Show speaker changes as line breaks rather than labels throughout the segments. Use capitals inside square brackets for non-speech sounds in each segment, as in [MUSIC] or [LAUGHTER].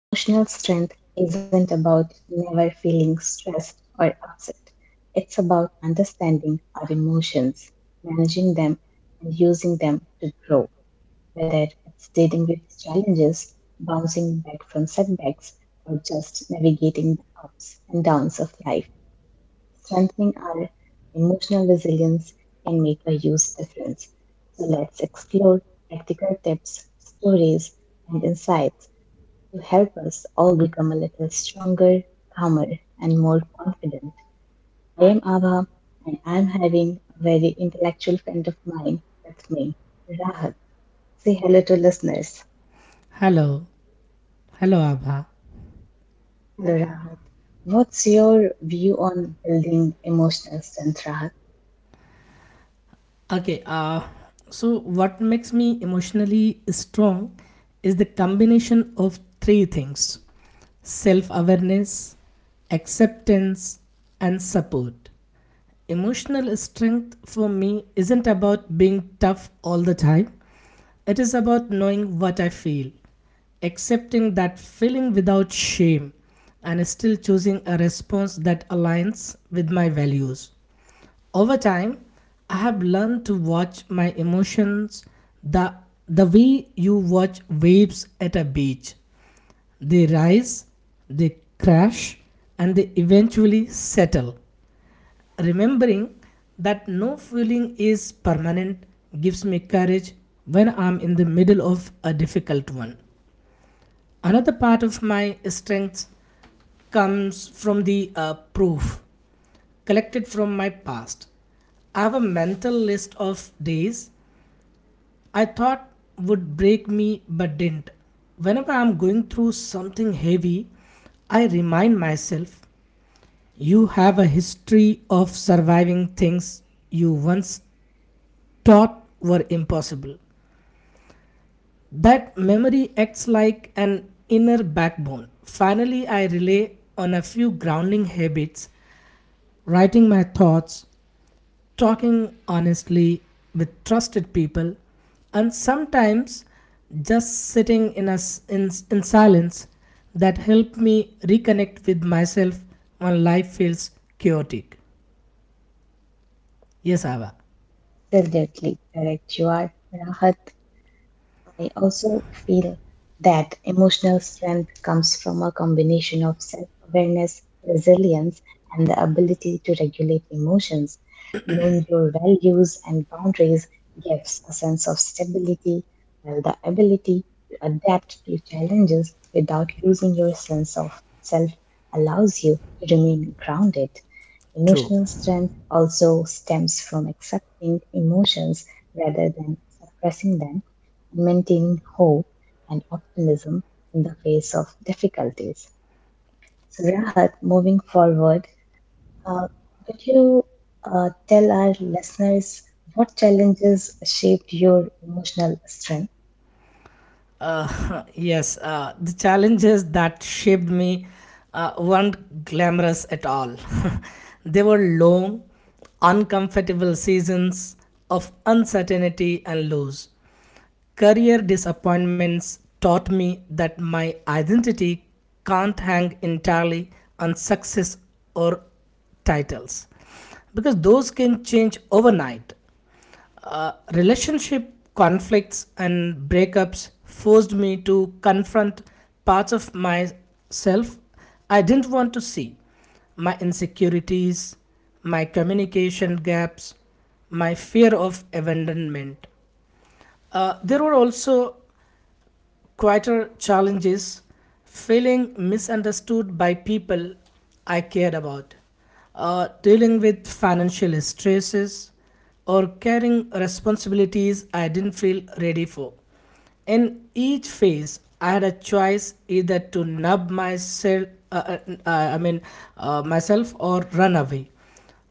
Emotional strength isn't about never feeling stressed or upset. It's about understanding our emotions, managing them, and using them to grow, whether it's dealing with challenges, bouncing back from setbacks, or just navigating the ups and downs of life. Strengthening our emotional resilience can make a huge difference. So let's explore practical tips, stories, and insights to help us all become a little stronger, calmer, and more confident. I am Ava, and I'm having a very intellectual friend of mine with me, Rahat. Say hello to listeners.
Hello. Hello, Abha.
Hello, Rahat. What's your view on building emotional strength, Rahat?
Okay, uh, so what makes me emotionally strong is the combination of three things self awareness, acceptance, and support. Emotional strength for me isn't about being tough all the time, it is about knowing what I feel, accepting that feeling without shame, and still choosing a response that aligns with my values over time I have learned to watch my emotions the the way you watch waves at a beach. They rise, they crash, and they eventually settle. Remembering that no feeling is permanent gives me courage when I'm in the middle of a difficult one. Another part of my strength comes from the proof collected from my past. I have a mental list of days I thought would break me but didn't. Whenever I'm going through something heavy, I remind myself you have a history of surviving things you once thought were impossible. That memory acts like an inner backbone. Finally, I rely on a few grounding habits, writing my thoughts, talking honestly with trusted people, and sometimes just sitting in, a s in silence that help me reconnect with myself when life feels chaotic. Yes, Ava,
Absolutely correct. You are Rahat. I also feel that emotional strength comes from a combination of self awareness, resilience, and the ability to regulate emotions. Knowing your values and boundaries gives a sense of stability, while the ability to adapt to challenges without losing your sense of self allows you to remain grounded.
true.
Emotional strength also stems from accepting emotions rather than suppressing them and maintaining hope and optimism in the face of difficulties. So, Rahat, moving forward, uh, could you tell our listeners what challenges shaped your emotional strength?
[LAUGHS] Yes, the challenges that shaped me weren't glamorous at all. [LAUGHS] They were long, uncomfortable seasons of uncertainty and loss. Career disappointments taught me that my identity can't hang entirely on success or titles because those can change overnight. Relationship conflicts and breakups forced me to confront parts of myself I didn't want to see my insecurities, my communication gaps, my fear of abandonment. There were also quieter challenge is feeling misunderstood by people I cared about, dealing with financial stresses, or carrying responsibilities I didn't feel ready for. In each phase, I had a choice either to nub uh, I mean, myself, or run away,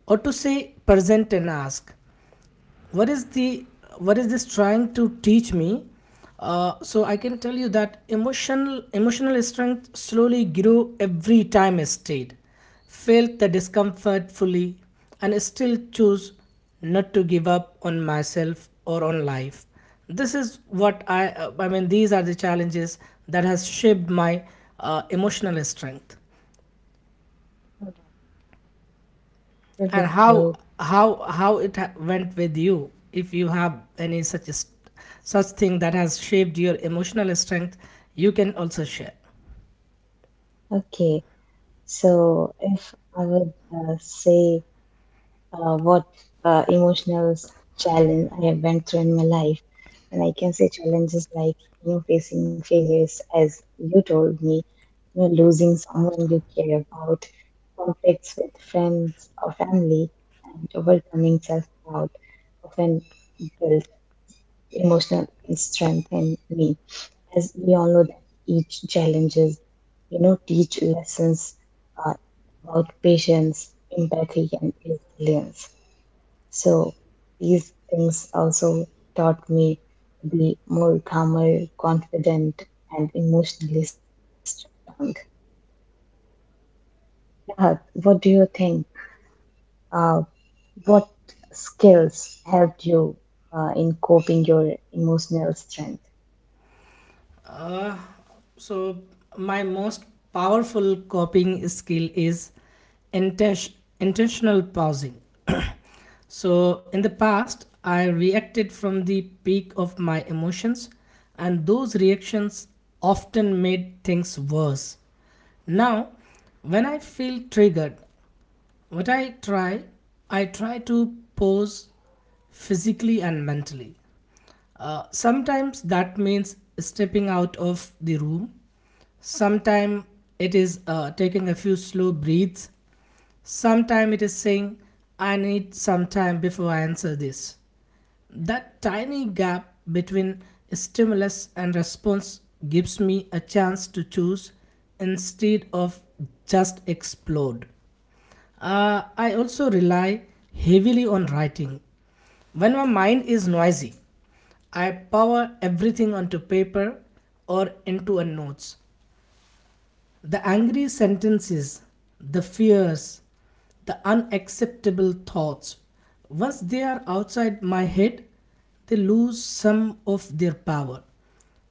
or to say present and ask, what is the what is this trying to teach me. So I can tell you that emotional strength slowly grew every time I stayed, felt the discomfort fully, and still choose not to give up on myself or on life. This is what these are the challenges that has shaped my emotional strength.
All right,
And
with
how
you.
how how went with you, if you have any such thing that has shaped your emotional strength you can also share.
Okay, so if I would say what uh, emotional s- challenge I have went through in my life. And I can say challenges like you know facing failures, as you told me, you know losing someone you care about, conflicts with friends or family, and overcoming self-doubt often built emotional strength in me. As we all know that each challenges, you know, teach lessons uh, about patience, empathy, and resilience, so these things also taught me to be more calmer, confident, and emotionally strong. Rahat, what do you think? Uh, what skills helped you in coping your emotional strength?
So, my most powerful coping skill is inten- intentional pausing. [CLEARS THROAT] So, in the past, I reacted from the peak of my emotions, and those reactions often made things worse. Now, when I feel triggered, what I try, I try to pose physically and mentally. Sometimes that means stepping out of the room. Sometimes it is taking a few slow breaths. Sometimes it is saying, I need some time before I answer this. That tiny gap between stimulus and response gives me a chance to choose instead of just explode. I also rely heavily on writing. When my mind is noisy, I power everything onto paper or into a notes. The angry sentences, the fears, the unacceptable thoughts, once they are outside my head, they lose some of their power.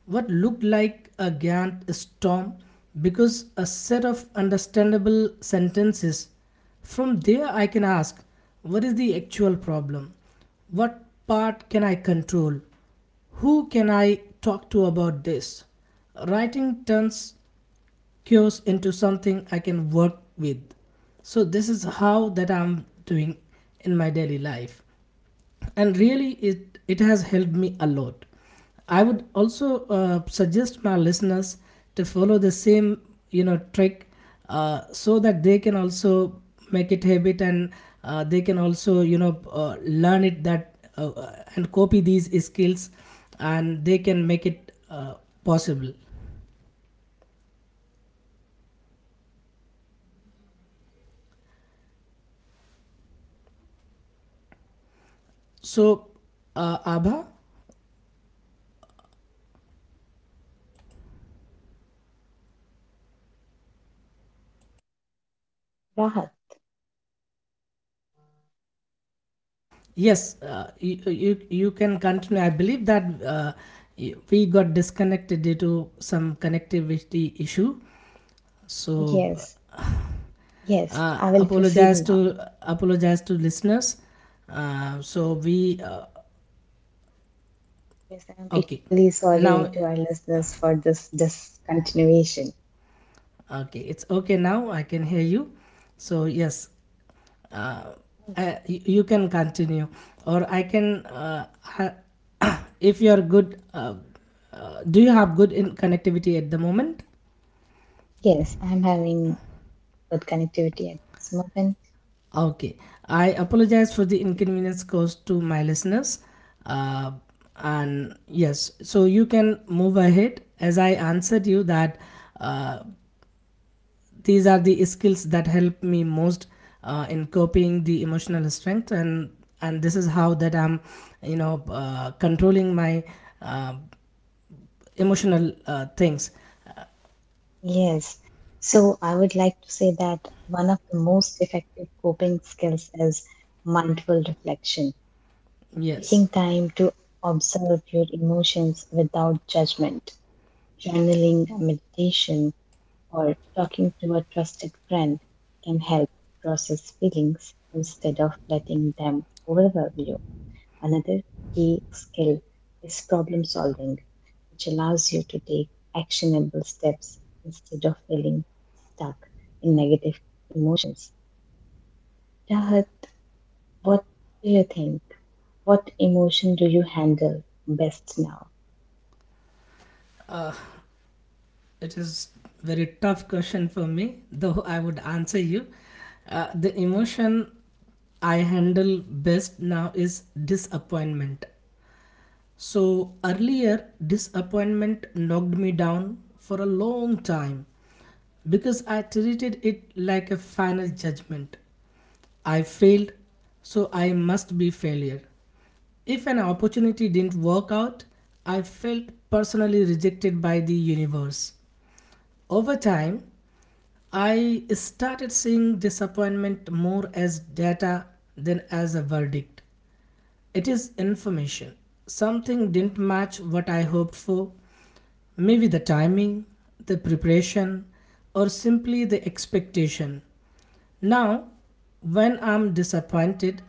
What looked like a giant storm because a set of understandable sentences. From there, I can ask what is the actual problem? What part can I control? Who can I talk to about this? Writing turns cures into something I can work with. So this is how that I'm doing in my daily life, and really it has helped me a lot. I would also suggest my listeners to follow the same you know trick so that they can also make it habit and they can also you know learn it that and copy these skills and they can make it possible. So, Abha,
Rahat,
yes, you can continue. I believe that we got disconnected due to some connectivity issue. So
yes, yes,
uh,
I will proceed
apologize to
now.
apologize to listeners. So we
Yes, I'm
okay.
equally sorry
Now
to our listeners for this discontinuation.
Okay, it's okay now. I can hear you. So yes, uh, you can continue, or I can. [COUGHS] If you are good, do you have good in connectivity at the moment?
Yes, I'm having good connectivity at this moment.
Okay, I apologize for the inconvenience caused to my listeners. Uh, and yes, so you can move ahead. As I answered you that uh, these are the skills that help me most in coping the emotional strength and this is how that I'm you know controlling my uh, emotional things.
Yes. So I would like to say that one of the most effective coping skills is mindful reflection, taking
Yes,
time to observe your emotions without judgment. Journaling, meditation, or talking to a trusted friend can help process feelings instead of letting them overwhelm you. Another key skill is problem solving, which allows you to take actionable steps instead of feeling stuck in negative emotions. Rahat, what do you think? What emotion do you handle best now?
it is very tough question for me though I would answer you. The emotion I handle best now is disappointment. So earlier, disappointment knocked me down for a long time because I treated it like a final judgment. I failed, so I must be failure. If an opportunity didn't work out, I felt personally rejected by the universe. Over time, I started seeing disappointment more as data than as a verdict. It is information. Something didn't match what I hoped for. Maybe the timing, the preparation, or simply the expectation. Now, when I'm disappointed,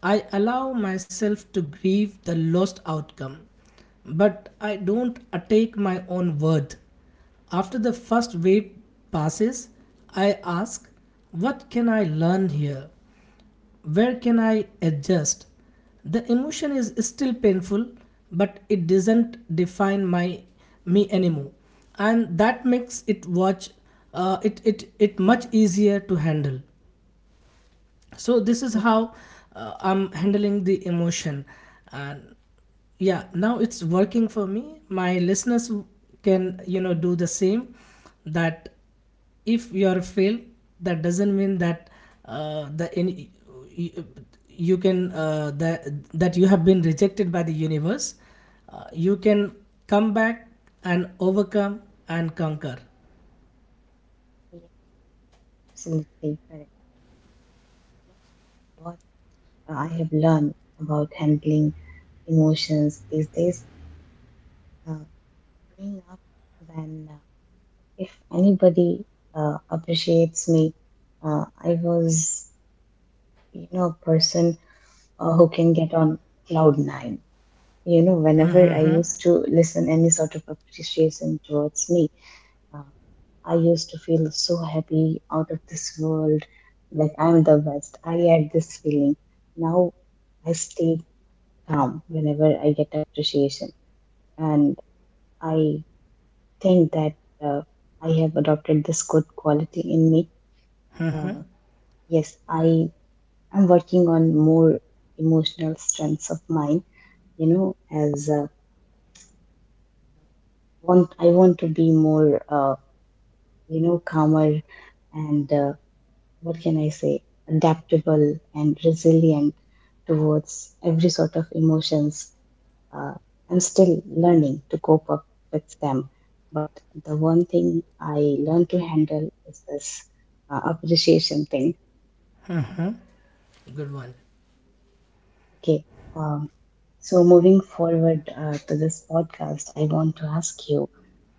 I allow myself to grieve the lost outcome, but I don't attack my own worth. After the first wave passes, I ask, what can I learn here? Where can I adjust? The emotion is still painful, but it doesn't define my me anymore, and that makes it watch it much easier to handle. So this is how I'm handling the emotion, and yeah, now it's working for me. My listeners can you know do the same, that if you are failed that doesn't mean that the any you, you can that you have been rejected by the universe. You can come back and overcome and conquer.
Okay, absolutely correct. What I have learned about handling emotions these days, uh, growing up, when if anybody appreciates me, I was, you know, a person who can get on cloud nine, you know, whenever I used to listen any sort of appreciation towards me. uh, I used to feel so happy, out of this world, like I'm the best. I had this feeling. Now I stay calm whenever I get appreciation, and I think that, uh, I have adopted this good quality in me. Uh, yes, I am working on more emotional strengths of mine. You know, as want I want to be more, you know, calmer and what can I say, adaptable and resilient towards every sort of emotions. Uh, I'm still learning to cope up with them, but the one thing I learned to handle is this appreciation thing.
Good one.
Okay. Um, so moving forward to this podcast, I want to ask you,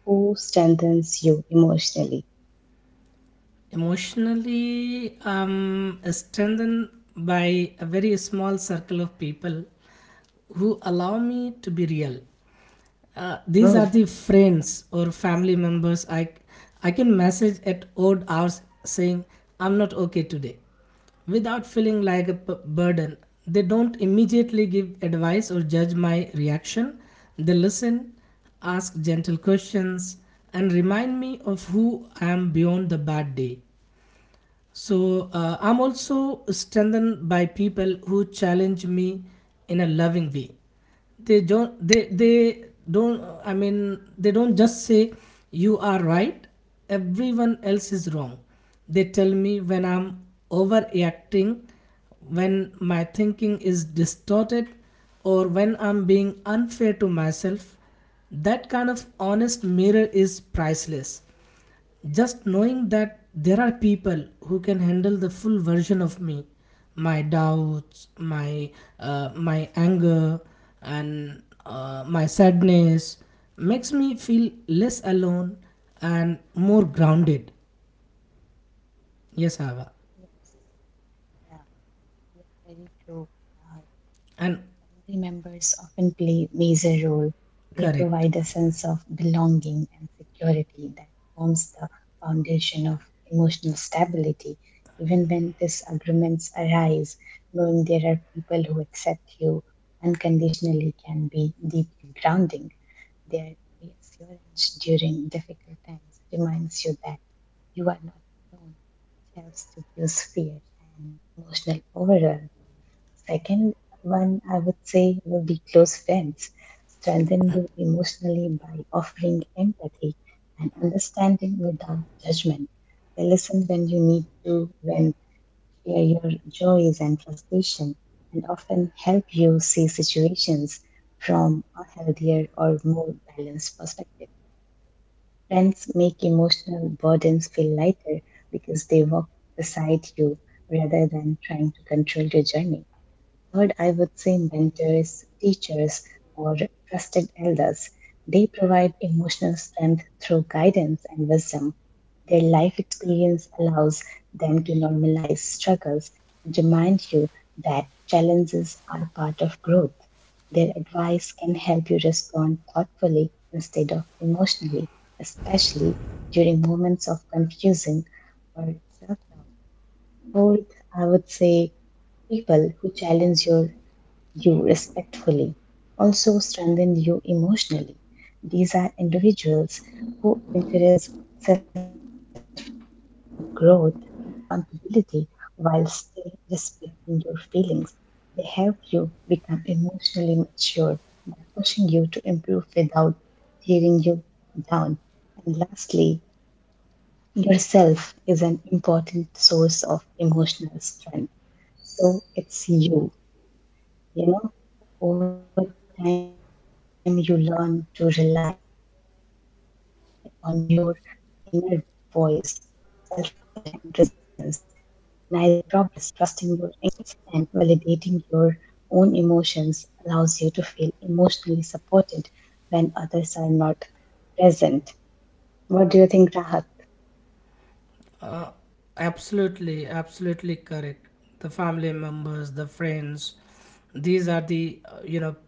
who strengthens you emotionally?
Emotionally strengthened by a very small circle of people who allow me to be real. These
Oh,
are the friends or family members I can message at odd hours saying I'm not okay today without feeling like a burden. They don't immediately give advice or judge my reaction. They listen, ask gentle questions, and remind me of who I am beyond the bad day. So I'm also strengthened by people who challenge me in a loving way. They don't. They don't. I mean, they don't just say you are right. Everyone else is wrong. They tell me when I'm overreacting, when my thinking is distorted, or when I'm being unfair to myself. That kind of honest mirror is priceless. Just knowing that there are people who can handle the full version of me, my doubts, my anger, and my sadness, makes me feel less alone and more grounded. Yes, Ava,
yes, yeah, you are very true. Uh,
and
Family members often play major role. They
correct.
provide a sense of belonging and security that forms the foundation of emotional stability. Even when disagreements arise, knowing there are people who accept you unconditionally can be deeply grounding. Their reassurance during difficult times reminds you that you are not alone, which helps reduce fear and emotional overwhelm. Second one, I would say, will be close friends. Strengthen you emotionally by offering empathy and understanding without judgment. They listen when you need to, when share your joys and frustration, and often help you see situations from a healthier or more balanced perspective. Friends make emotional burdens feel lighter because they walk beside you rather than trying to control your journey. Third, I would say mentors, teachers, or trusted elders. They provide emotional strength through guidance and wisdom. Their life experience allows them to normalize struggles and remind you that challenges are part of growth. Their advice can help you respond thoughtfully instead of emotionally, especially during moments of confusion or self doubt. Fourth, I would say people who challenge your you respectfully, also strengthen you emotionally. These are individuals who encourage self reflection, growth, and accountability while still respecting your feelings. They help you become emotionally mature by pushing you to improve without tearing you down. And lastly, yourself is an important source of emotional strength. So it's you, you know, over time, you learn to rely on your inner voice, self compassion, and resilience. Recognizing your progress, trusting your instincts, and validating your own emotions allows you to feel emotionally supported when others are not present. What do you think, Rahat?
Uh, absolutely correct. The family members, the friends, these are the you know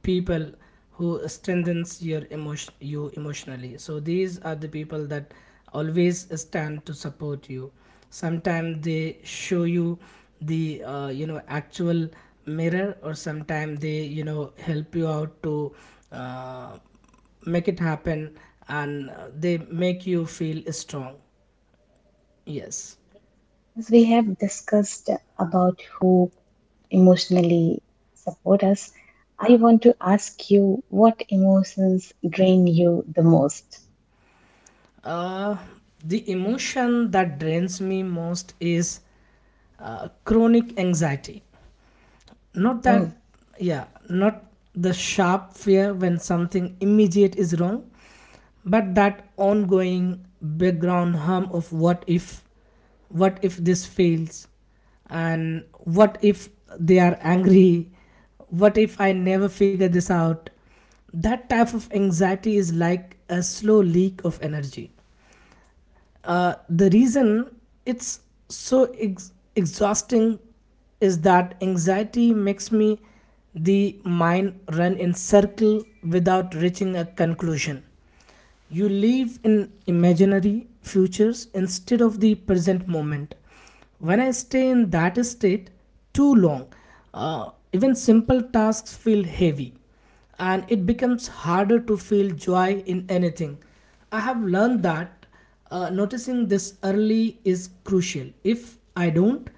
people who strengthens you emotionally. So these are the people that always stand to support you. Sometimes they show you the you know actual mirror, or sometimes they you know help you out to uh, make it happen, and they make you feel strong. Yes.
As we have discussed about who emotionally support us, I want to ask you, what emotions drain you the most?
uh, the emotion that drains me most is chronic anxiety. Not that
Oh,
Yeah, not the sharp fear when something immediate is wrong, but that ongoing background hum of what if. What if this fails, and what if they are angry, what if I never figure this out? That type of anxiety is like a slow leak of energy. The reason it's so exhausting is that anxiety makes me the mind run in circle without reaching a conclusion. You live in imaginary futures instead of the present moment. When I stay in that state too long, even simple tasks feel heavy and it becomes harder to feel joy in anything. I have learned that noticing this early is crucial. If I don't,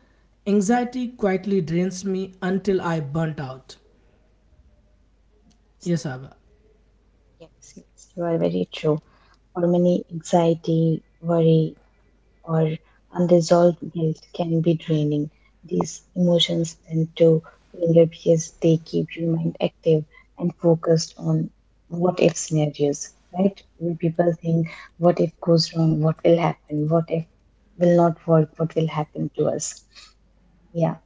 anxiety quietly drains me until I burnt out. Yes, Abba.
yes, yes, you are very true. For many, anxiety, worry, or unresolved guilt can be draining. These emotions tend to linger because they keep your mind active and focused on what if scenarios, right? When people think, what if goes wrong? What will happen? What if will not work? What will happen to us? Yeah,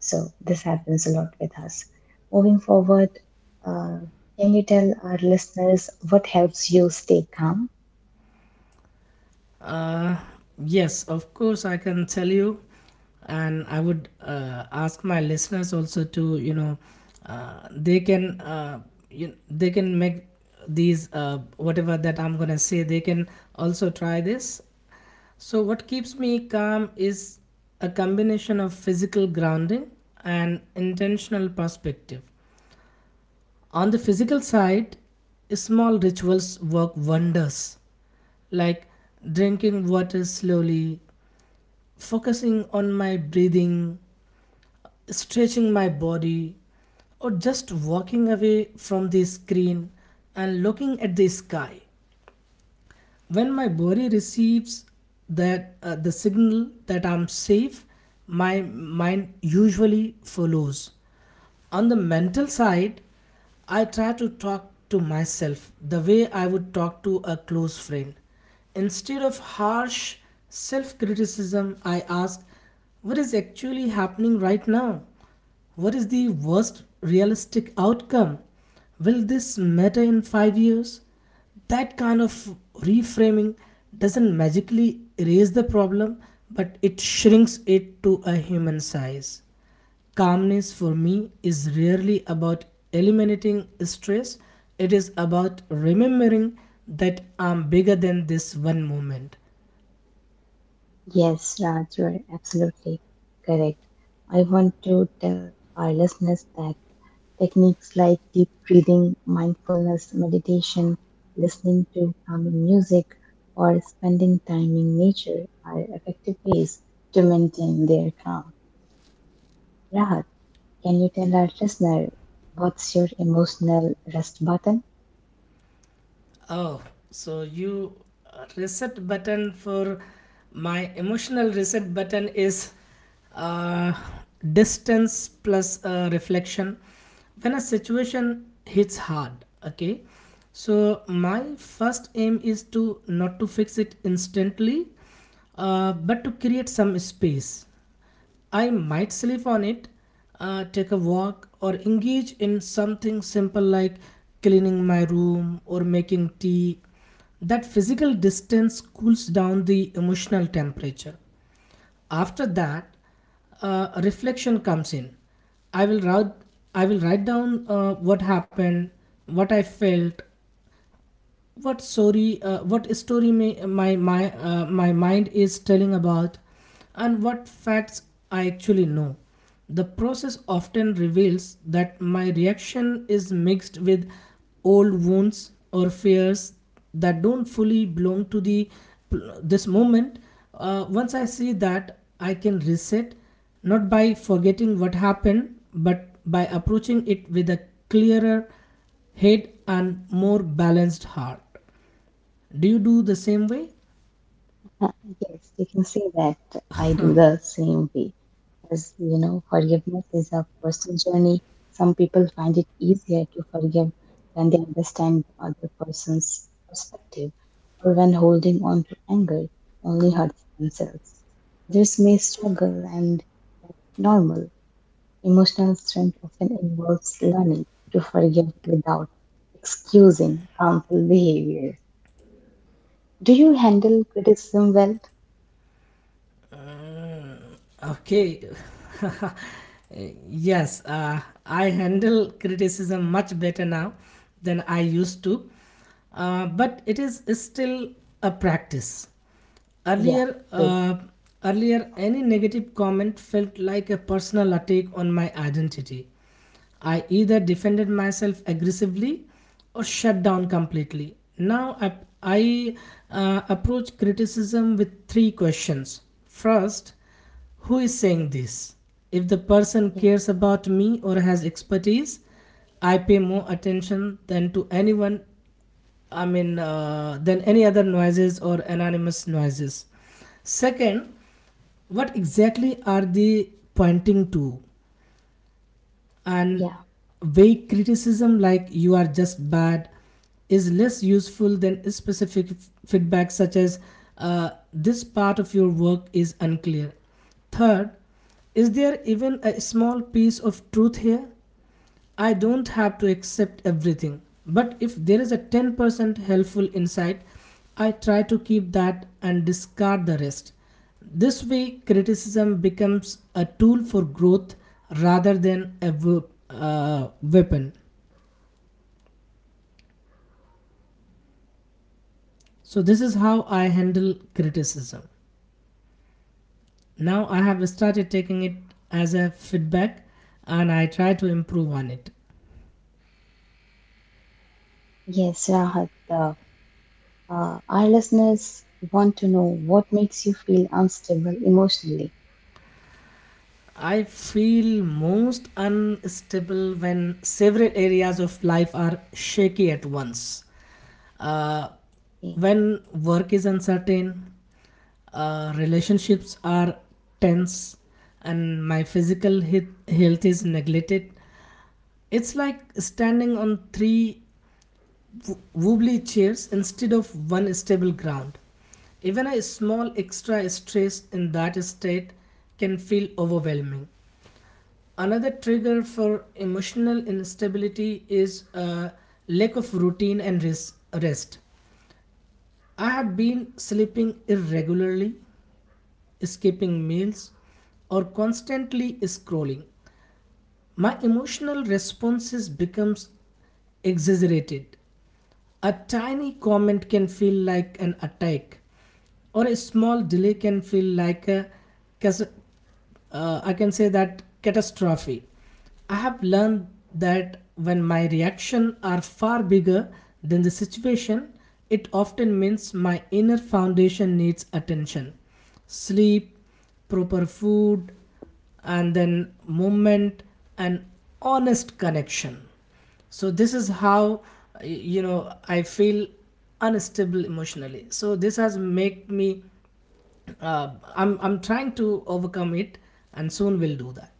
so this happens a lot with us. Moving forward, uh, can you tell our listeners what helps you stay calm?
Uh, yes, of course, I can tell you, and I would ask my listeners also to you know they can they can make these whatever that I'm gonna say. They can also try this. So, what keeps me calm is a combination of physical grounding and intentional perspective. On the physical side, small rituals work wonders, like drinking water slowly, focusing on my breathing, stretching my body, or just walking away from the screen and looking at the sky. When my body receives that the signal that I'm safe, my mind usually follows. On the mental side, I try to talk to myself the way I would talk to a close friend. Instead of harsh self criticism, I ask what is actually happening right now? What is the worst realistic outcome? Will this matter in 5 years? That kind of reframing doesn't magically erase the problem, but it shrinks it to a human size. Calmness for me is rarely about eliminating stress, it is about remembering that I'm bigger than this one moment.
Yes, Raj, you're absolutely correct. I want to tell our listeners that techniques like deep breathing, mindfulness, meditation, listening to calming music, or spending time in nature are effective ways to maintain their calm. Rahat, can you tell our listener, what's your emotional rest button?
Oh, so you reset button for my emotional reset button is uh, distance plus reflection. When a situation hits hard, okay. So my first aim is to not to fix it instantly, but to create some space. I might sleep on it, take a walk, or engage in something simple like cleaning my room or making tea. That physical distance cools down the emotional temperature. After that, reflection comes in. I will write, I will write down what happened, what I felt, what story may, my my my mind is telling about, and what facts I actually know. The process often reveals that my reaction is mixed with old wounds or fears that don't fully belong to the this moment. Once I see that, I can reset, not by forgetting what happened but by approaching it with a clearer head and more balanced heart. Do you do the same way?
Uh, Yes, you can say that I do the same way. As you know, forgiveness is a personal journey. Some people find it easier to forgive when they understand the other person's perspective or when holding on to anger only hurts themselves. Others may struggle and normal. Emotional strength often involves learning to forgive without excusing harmful behavior. Do you handle criticism well?
Okay. [LAUGHS] Yes, I handle criticism much better now than I used to, but it is still a practice.
Yeah,
Earlier,
do.
uh, Earlier, any negative comment felt like a personal attack on my identity. I either defended myself aggressively or shut down completely. I approach criticism with three questions. First, who is saying this? If the person
Yeah,
cares about me or has expertise, I pay more attention than to anyone, than any other noises or anonymous noises. Second, what exactly are they pointing to? And
yeah,
vague criticism like you are just bad is less useful than specific feedback such as this part of your work is unclear. Third, is there even a small piece of truth here? I don't have to accept everything, but if there is a 10% helpful insight, I try to keep that and discard the rest. This way, criticism becomes a tool for growth rather than a weapon. So, this is how I handle criticism. Now, I have started taking it as a feedback and I try to improve on it.
yes, Rahat. Our listeners want to know what makes you feel unstable emotionally.
I feel most unstable when several areas of life are shaky at once. Uh,
Mm.
when work is uncertain, relationships are tense, and my physical health is neglected. It's like standing on three wobbly chairs instead of one stable ground. Even a small extra stress in that state can feel overwhelming. Another trigger for emotional instability is a lack of routine and rest. I have been sleeping irregularly, skipping meals, or constantly scrolling. My emotional responses becomes exaggerated. A tiny comment can feel like an attack, or a small delay can feel like a cas- I can say that catastrophe. I have learned that when my reactions are far bigger than the situation, it often means my inner foundation needs attention. Sleep, proper food, and then movement and honest connection. So this is how y- you know I feel unstable emotionally, so this has make me uh, I'm trying to overcome it, and soon we'll do that.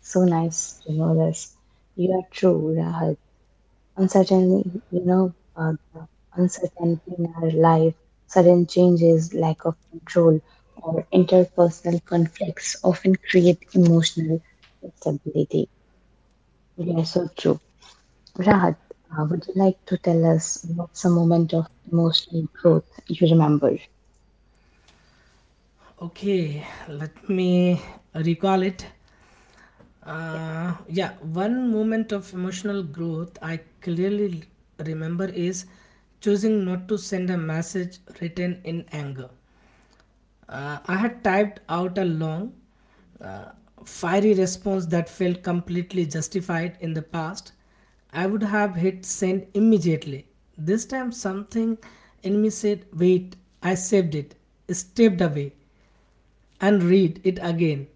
So nice to know this. You are true, Rahat. Uncertainty, you know, the uncertainty in our life, sudden changes, lack of control, or interpersonal conflicts often create emotional instability. You are so true. Rahat, would you like to tell us what's a moment of emotional growth you remember?
Okay, let me recall it.
Yeah.
Yeah. One moment of emotional growth I clearly remember is choosing not to send a message written in anger. I had typed out a long, uh, fiery response that felt completely justified. In the past, I would have hit send immediately. This time, something in me said, "Wait," I saved it, stepped away, and read it again.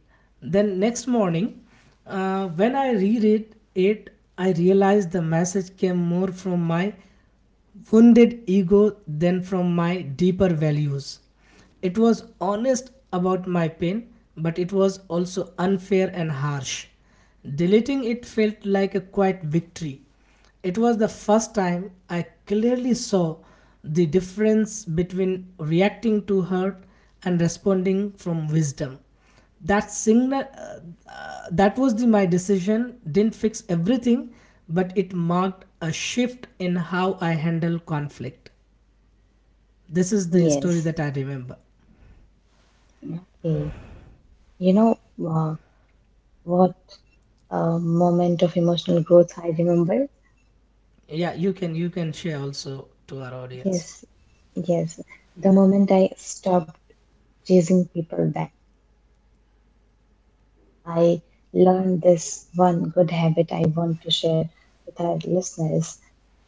Then, next morning, when I reread it, I realized the message came more from my wounded ego than from my deeper values. It was honest about my pain, but it was also unfair and harsh. Deleting it felt like a quiet victory. It was the first time I clearly saw the difference between reacting to hurt and responding from wisdom. That signal, that was the My decision didn't fix everything, but it marked a shift in how I handle conflict. This is the story
Yes.
that I remember.
Okay. You know, uh, what moment of emotional growth I remember?
Yeah, you can, you can share also to our audience.
Yes. Yes. The moment I stopped chasing people back, I learned this one good habit I want to share with our listeners.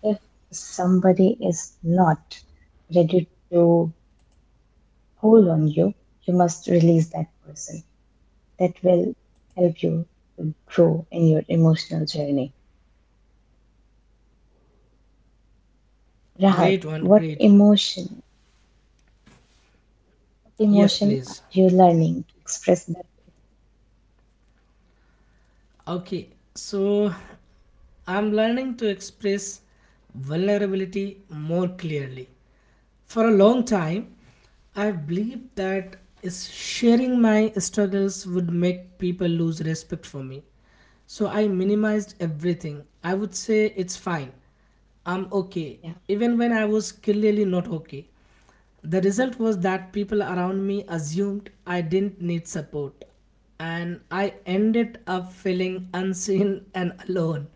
If somebody is not ready to hold on you, you must release that person. That will help you to grow in your emotional journey. Rahat,
Great one, great one.
what
Yes,
emotion are
please.
you learning to express that?
Okay. So I'm learning to express vulnerability more clearly. For a long time, I believed that is sharing my struggles would make people lose respect for me. So I minimized everything. I would say it's fine. I'm okay.
Yeah,
Even when I was clearly not okay. The result was that people around me assumed I didn't need support, and I ended up feeling unseen and alone.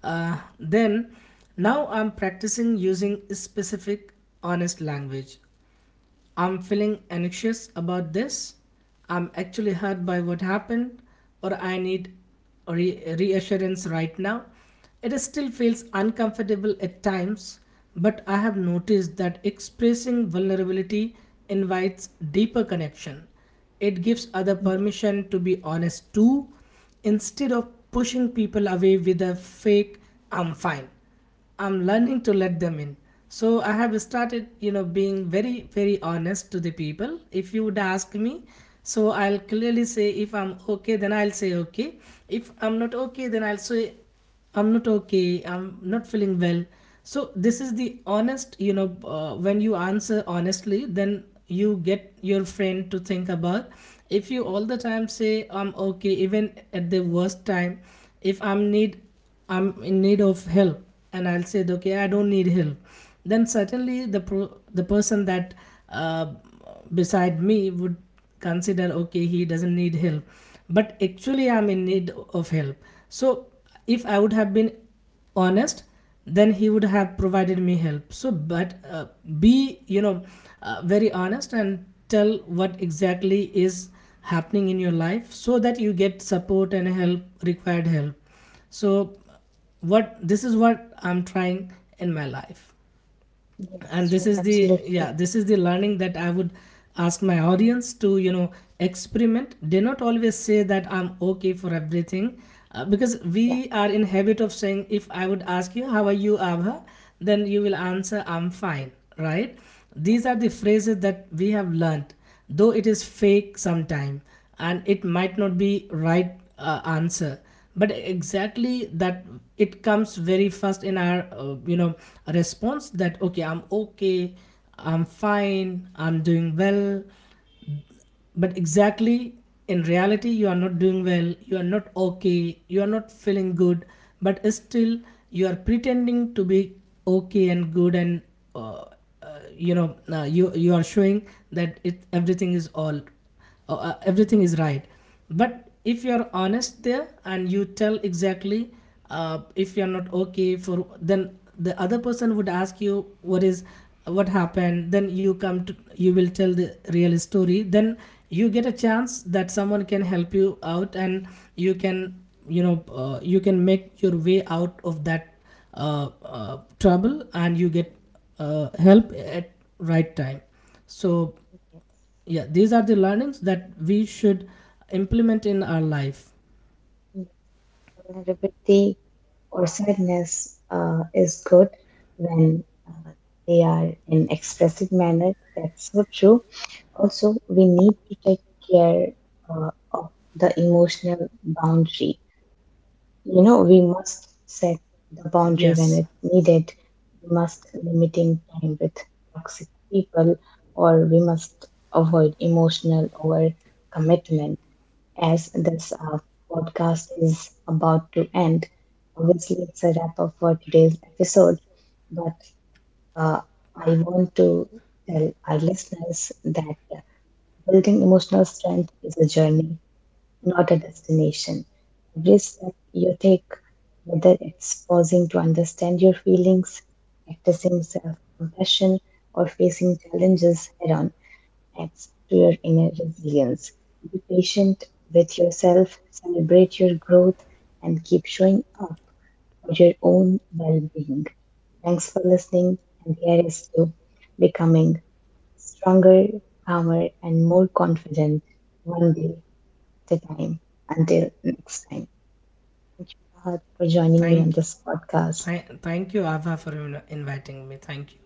Uh, then, Now I'm practicing using specific, honest language. I'm feeling anxious about this. I'm actually hurt by what happened, or I need reassurance right now. It still feels uncomfortable at times, but I have noticed that expressing vulnerability invites deeper connection. It gives other
yes,
permission to be honest too, instead of pushing people away with a fake, "I'm fine." I'm learning to let them in. So I have started, you know, being very, very honest to the people. If you would ask me, so I'll clearly say, if I'm okay, then I'll say okay. If I'm not okay, then I'll say I'm not okay. I'm not feeling well. So this is the honest, when you answer honestly, then you get your friend to think about. If you all the time say I'm okay, even at the worst time, if I'm in need of help, and I'll say, okay, I don't need help, then certainly the person that uh, beside me would consider, okay, he doesn't need help, but actually I'm in need of help. So if I would have been honest, then he would have provided me help. So, but be, very honest and tell what exactly is happening in your life so that you get support and help, required help. So what, this is what I'm trying in my life. And
yes,
this
you're
is the,
absolutely,
yeah, this is the learning that I would ask my audience to, you know, experiment. Do not always say that I'm okay for everything, because
yeah,
we are in habit of saying, if I would ask you, how are you, Abha, then you will answer, I'm fine, right?
yeah,
These are the
yeah,
phrases that we have learnt, though it is fake sometime and it might not be right answer, but exactly that, it comes very fast in our response that okay, I'm okay, I'm fine, I'm doing well, but exactly in reality you are not doing well, you are not okay, you are not feeling good, but still you are pretending to be okay and good and uh, you you are showing that it everything is all everything is right. But if you're honest there and you tell exactly, if you're not okay for, then the other person would ask you what is, what happened, then you come to, you will tell the real story, then you get a chance that someone can help you out, and you can, you know, you can make your way out of that trouble, and you get help at right time. So
yes.
yeah, these are the learnings that we should implement in our life.
Yes. Vulnerability or sadness is good when they are in expressive manner. That's so true. Also, we need to take care of the emotional boundary. You know, we must set the boundary when
Yes
it's needed. We must limiting time with toxic people, or we must avoid emotional over commitment. As this podcast is about to end, obviously it's a wrap up for today's episode. But uh, I want to tell our listeners that, building emotional strength is a journey, not a destination. Every step you take, whether it's pausing to understand your feelings, practicing self compassion, or facing challenges head on, adds to your inner resilience. Be patient with yourself, celebrate your growth, and keep showing up for your own well being. Thanks for listening, and here is to becoming stronger, calmer, and more confident one day the time. Until next time, thank you Ahad for joining me on
thank
this podcast.
Thank, thank you Ava for inviting me. Thank you.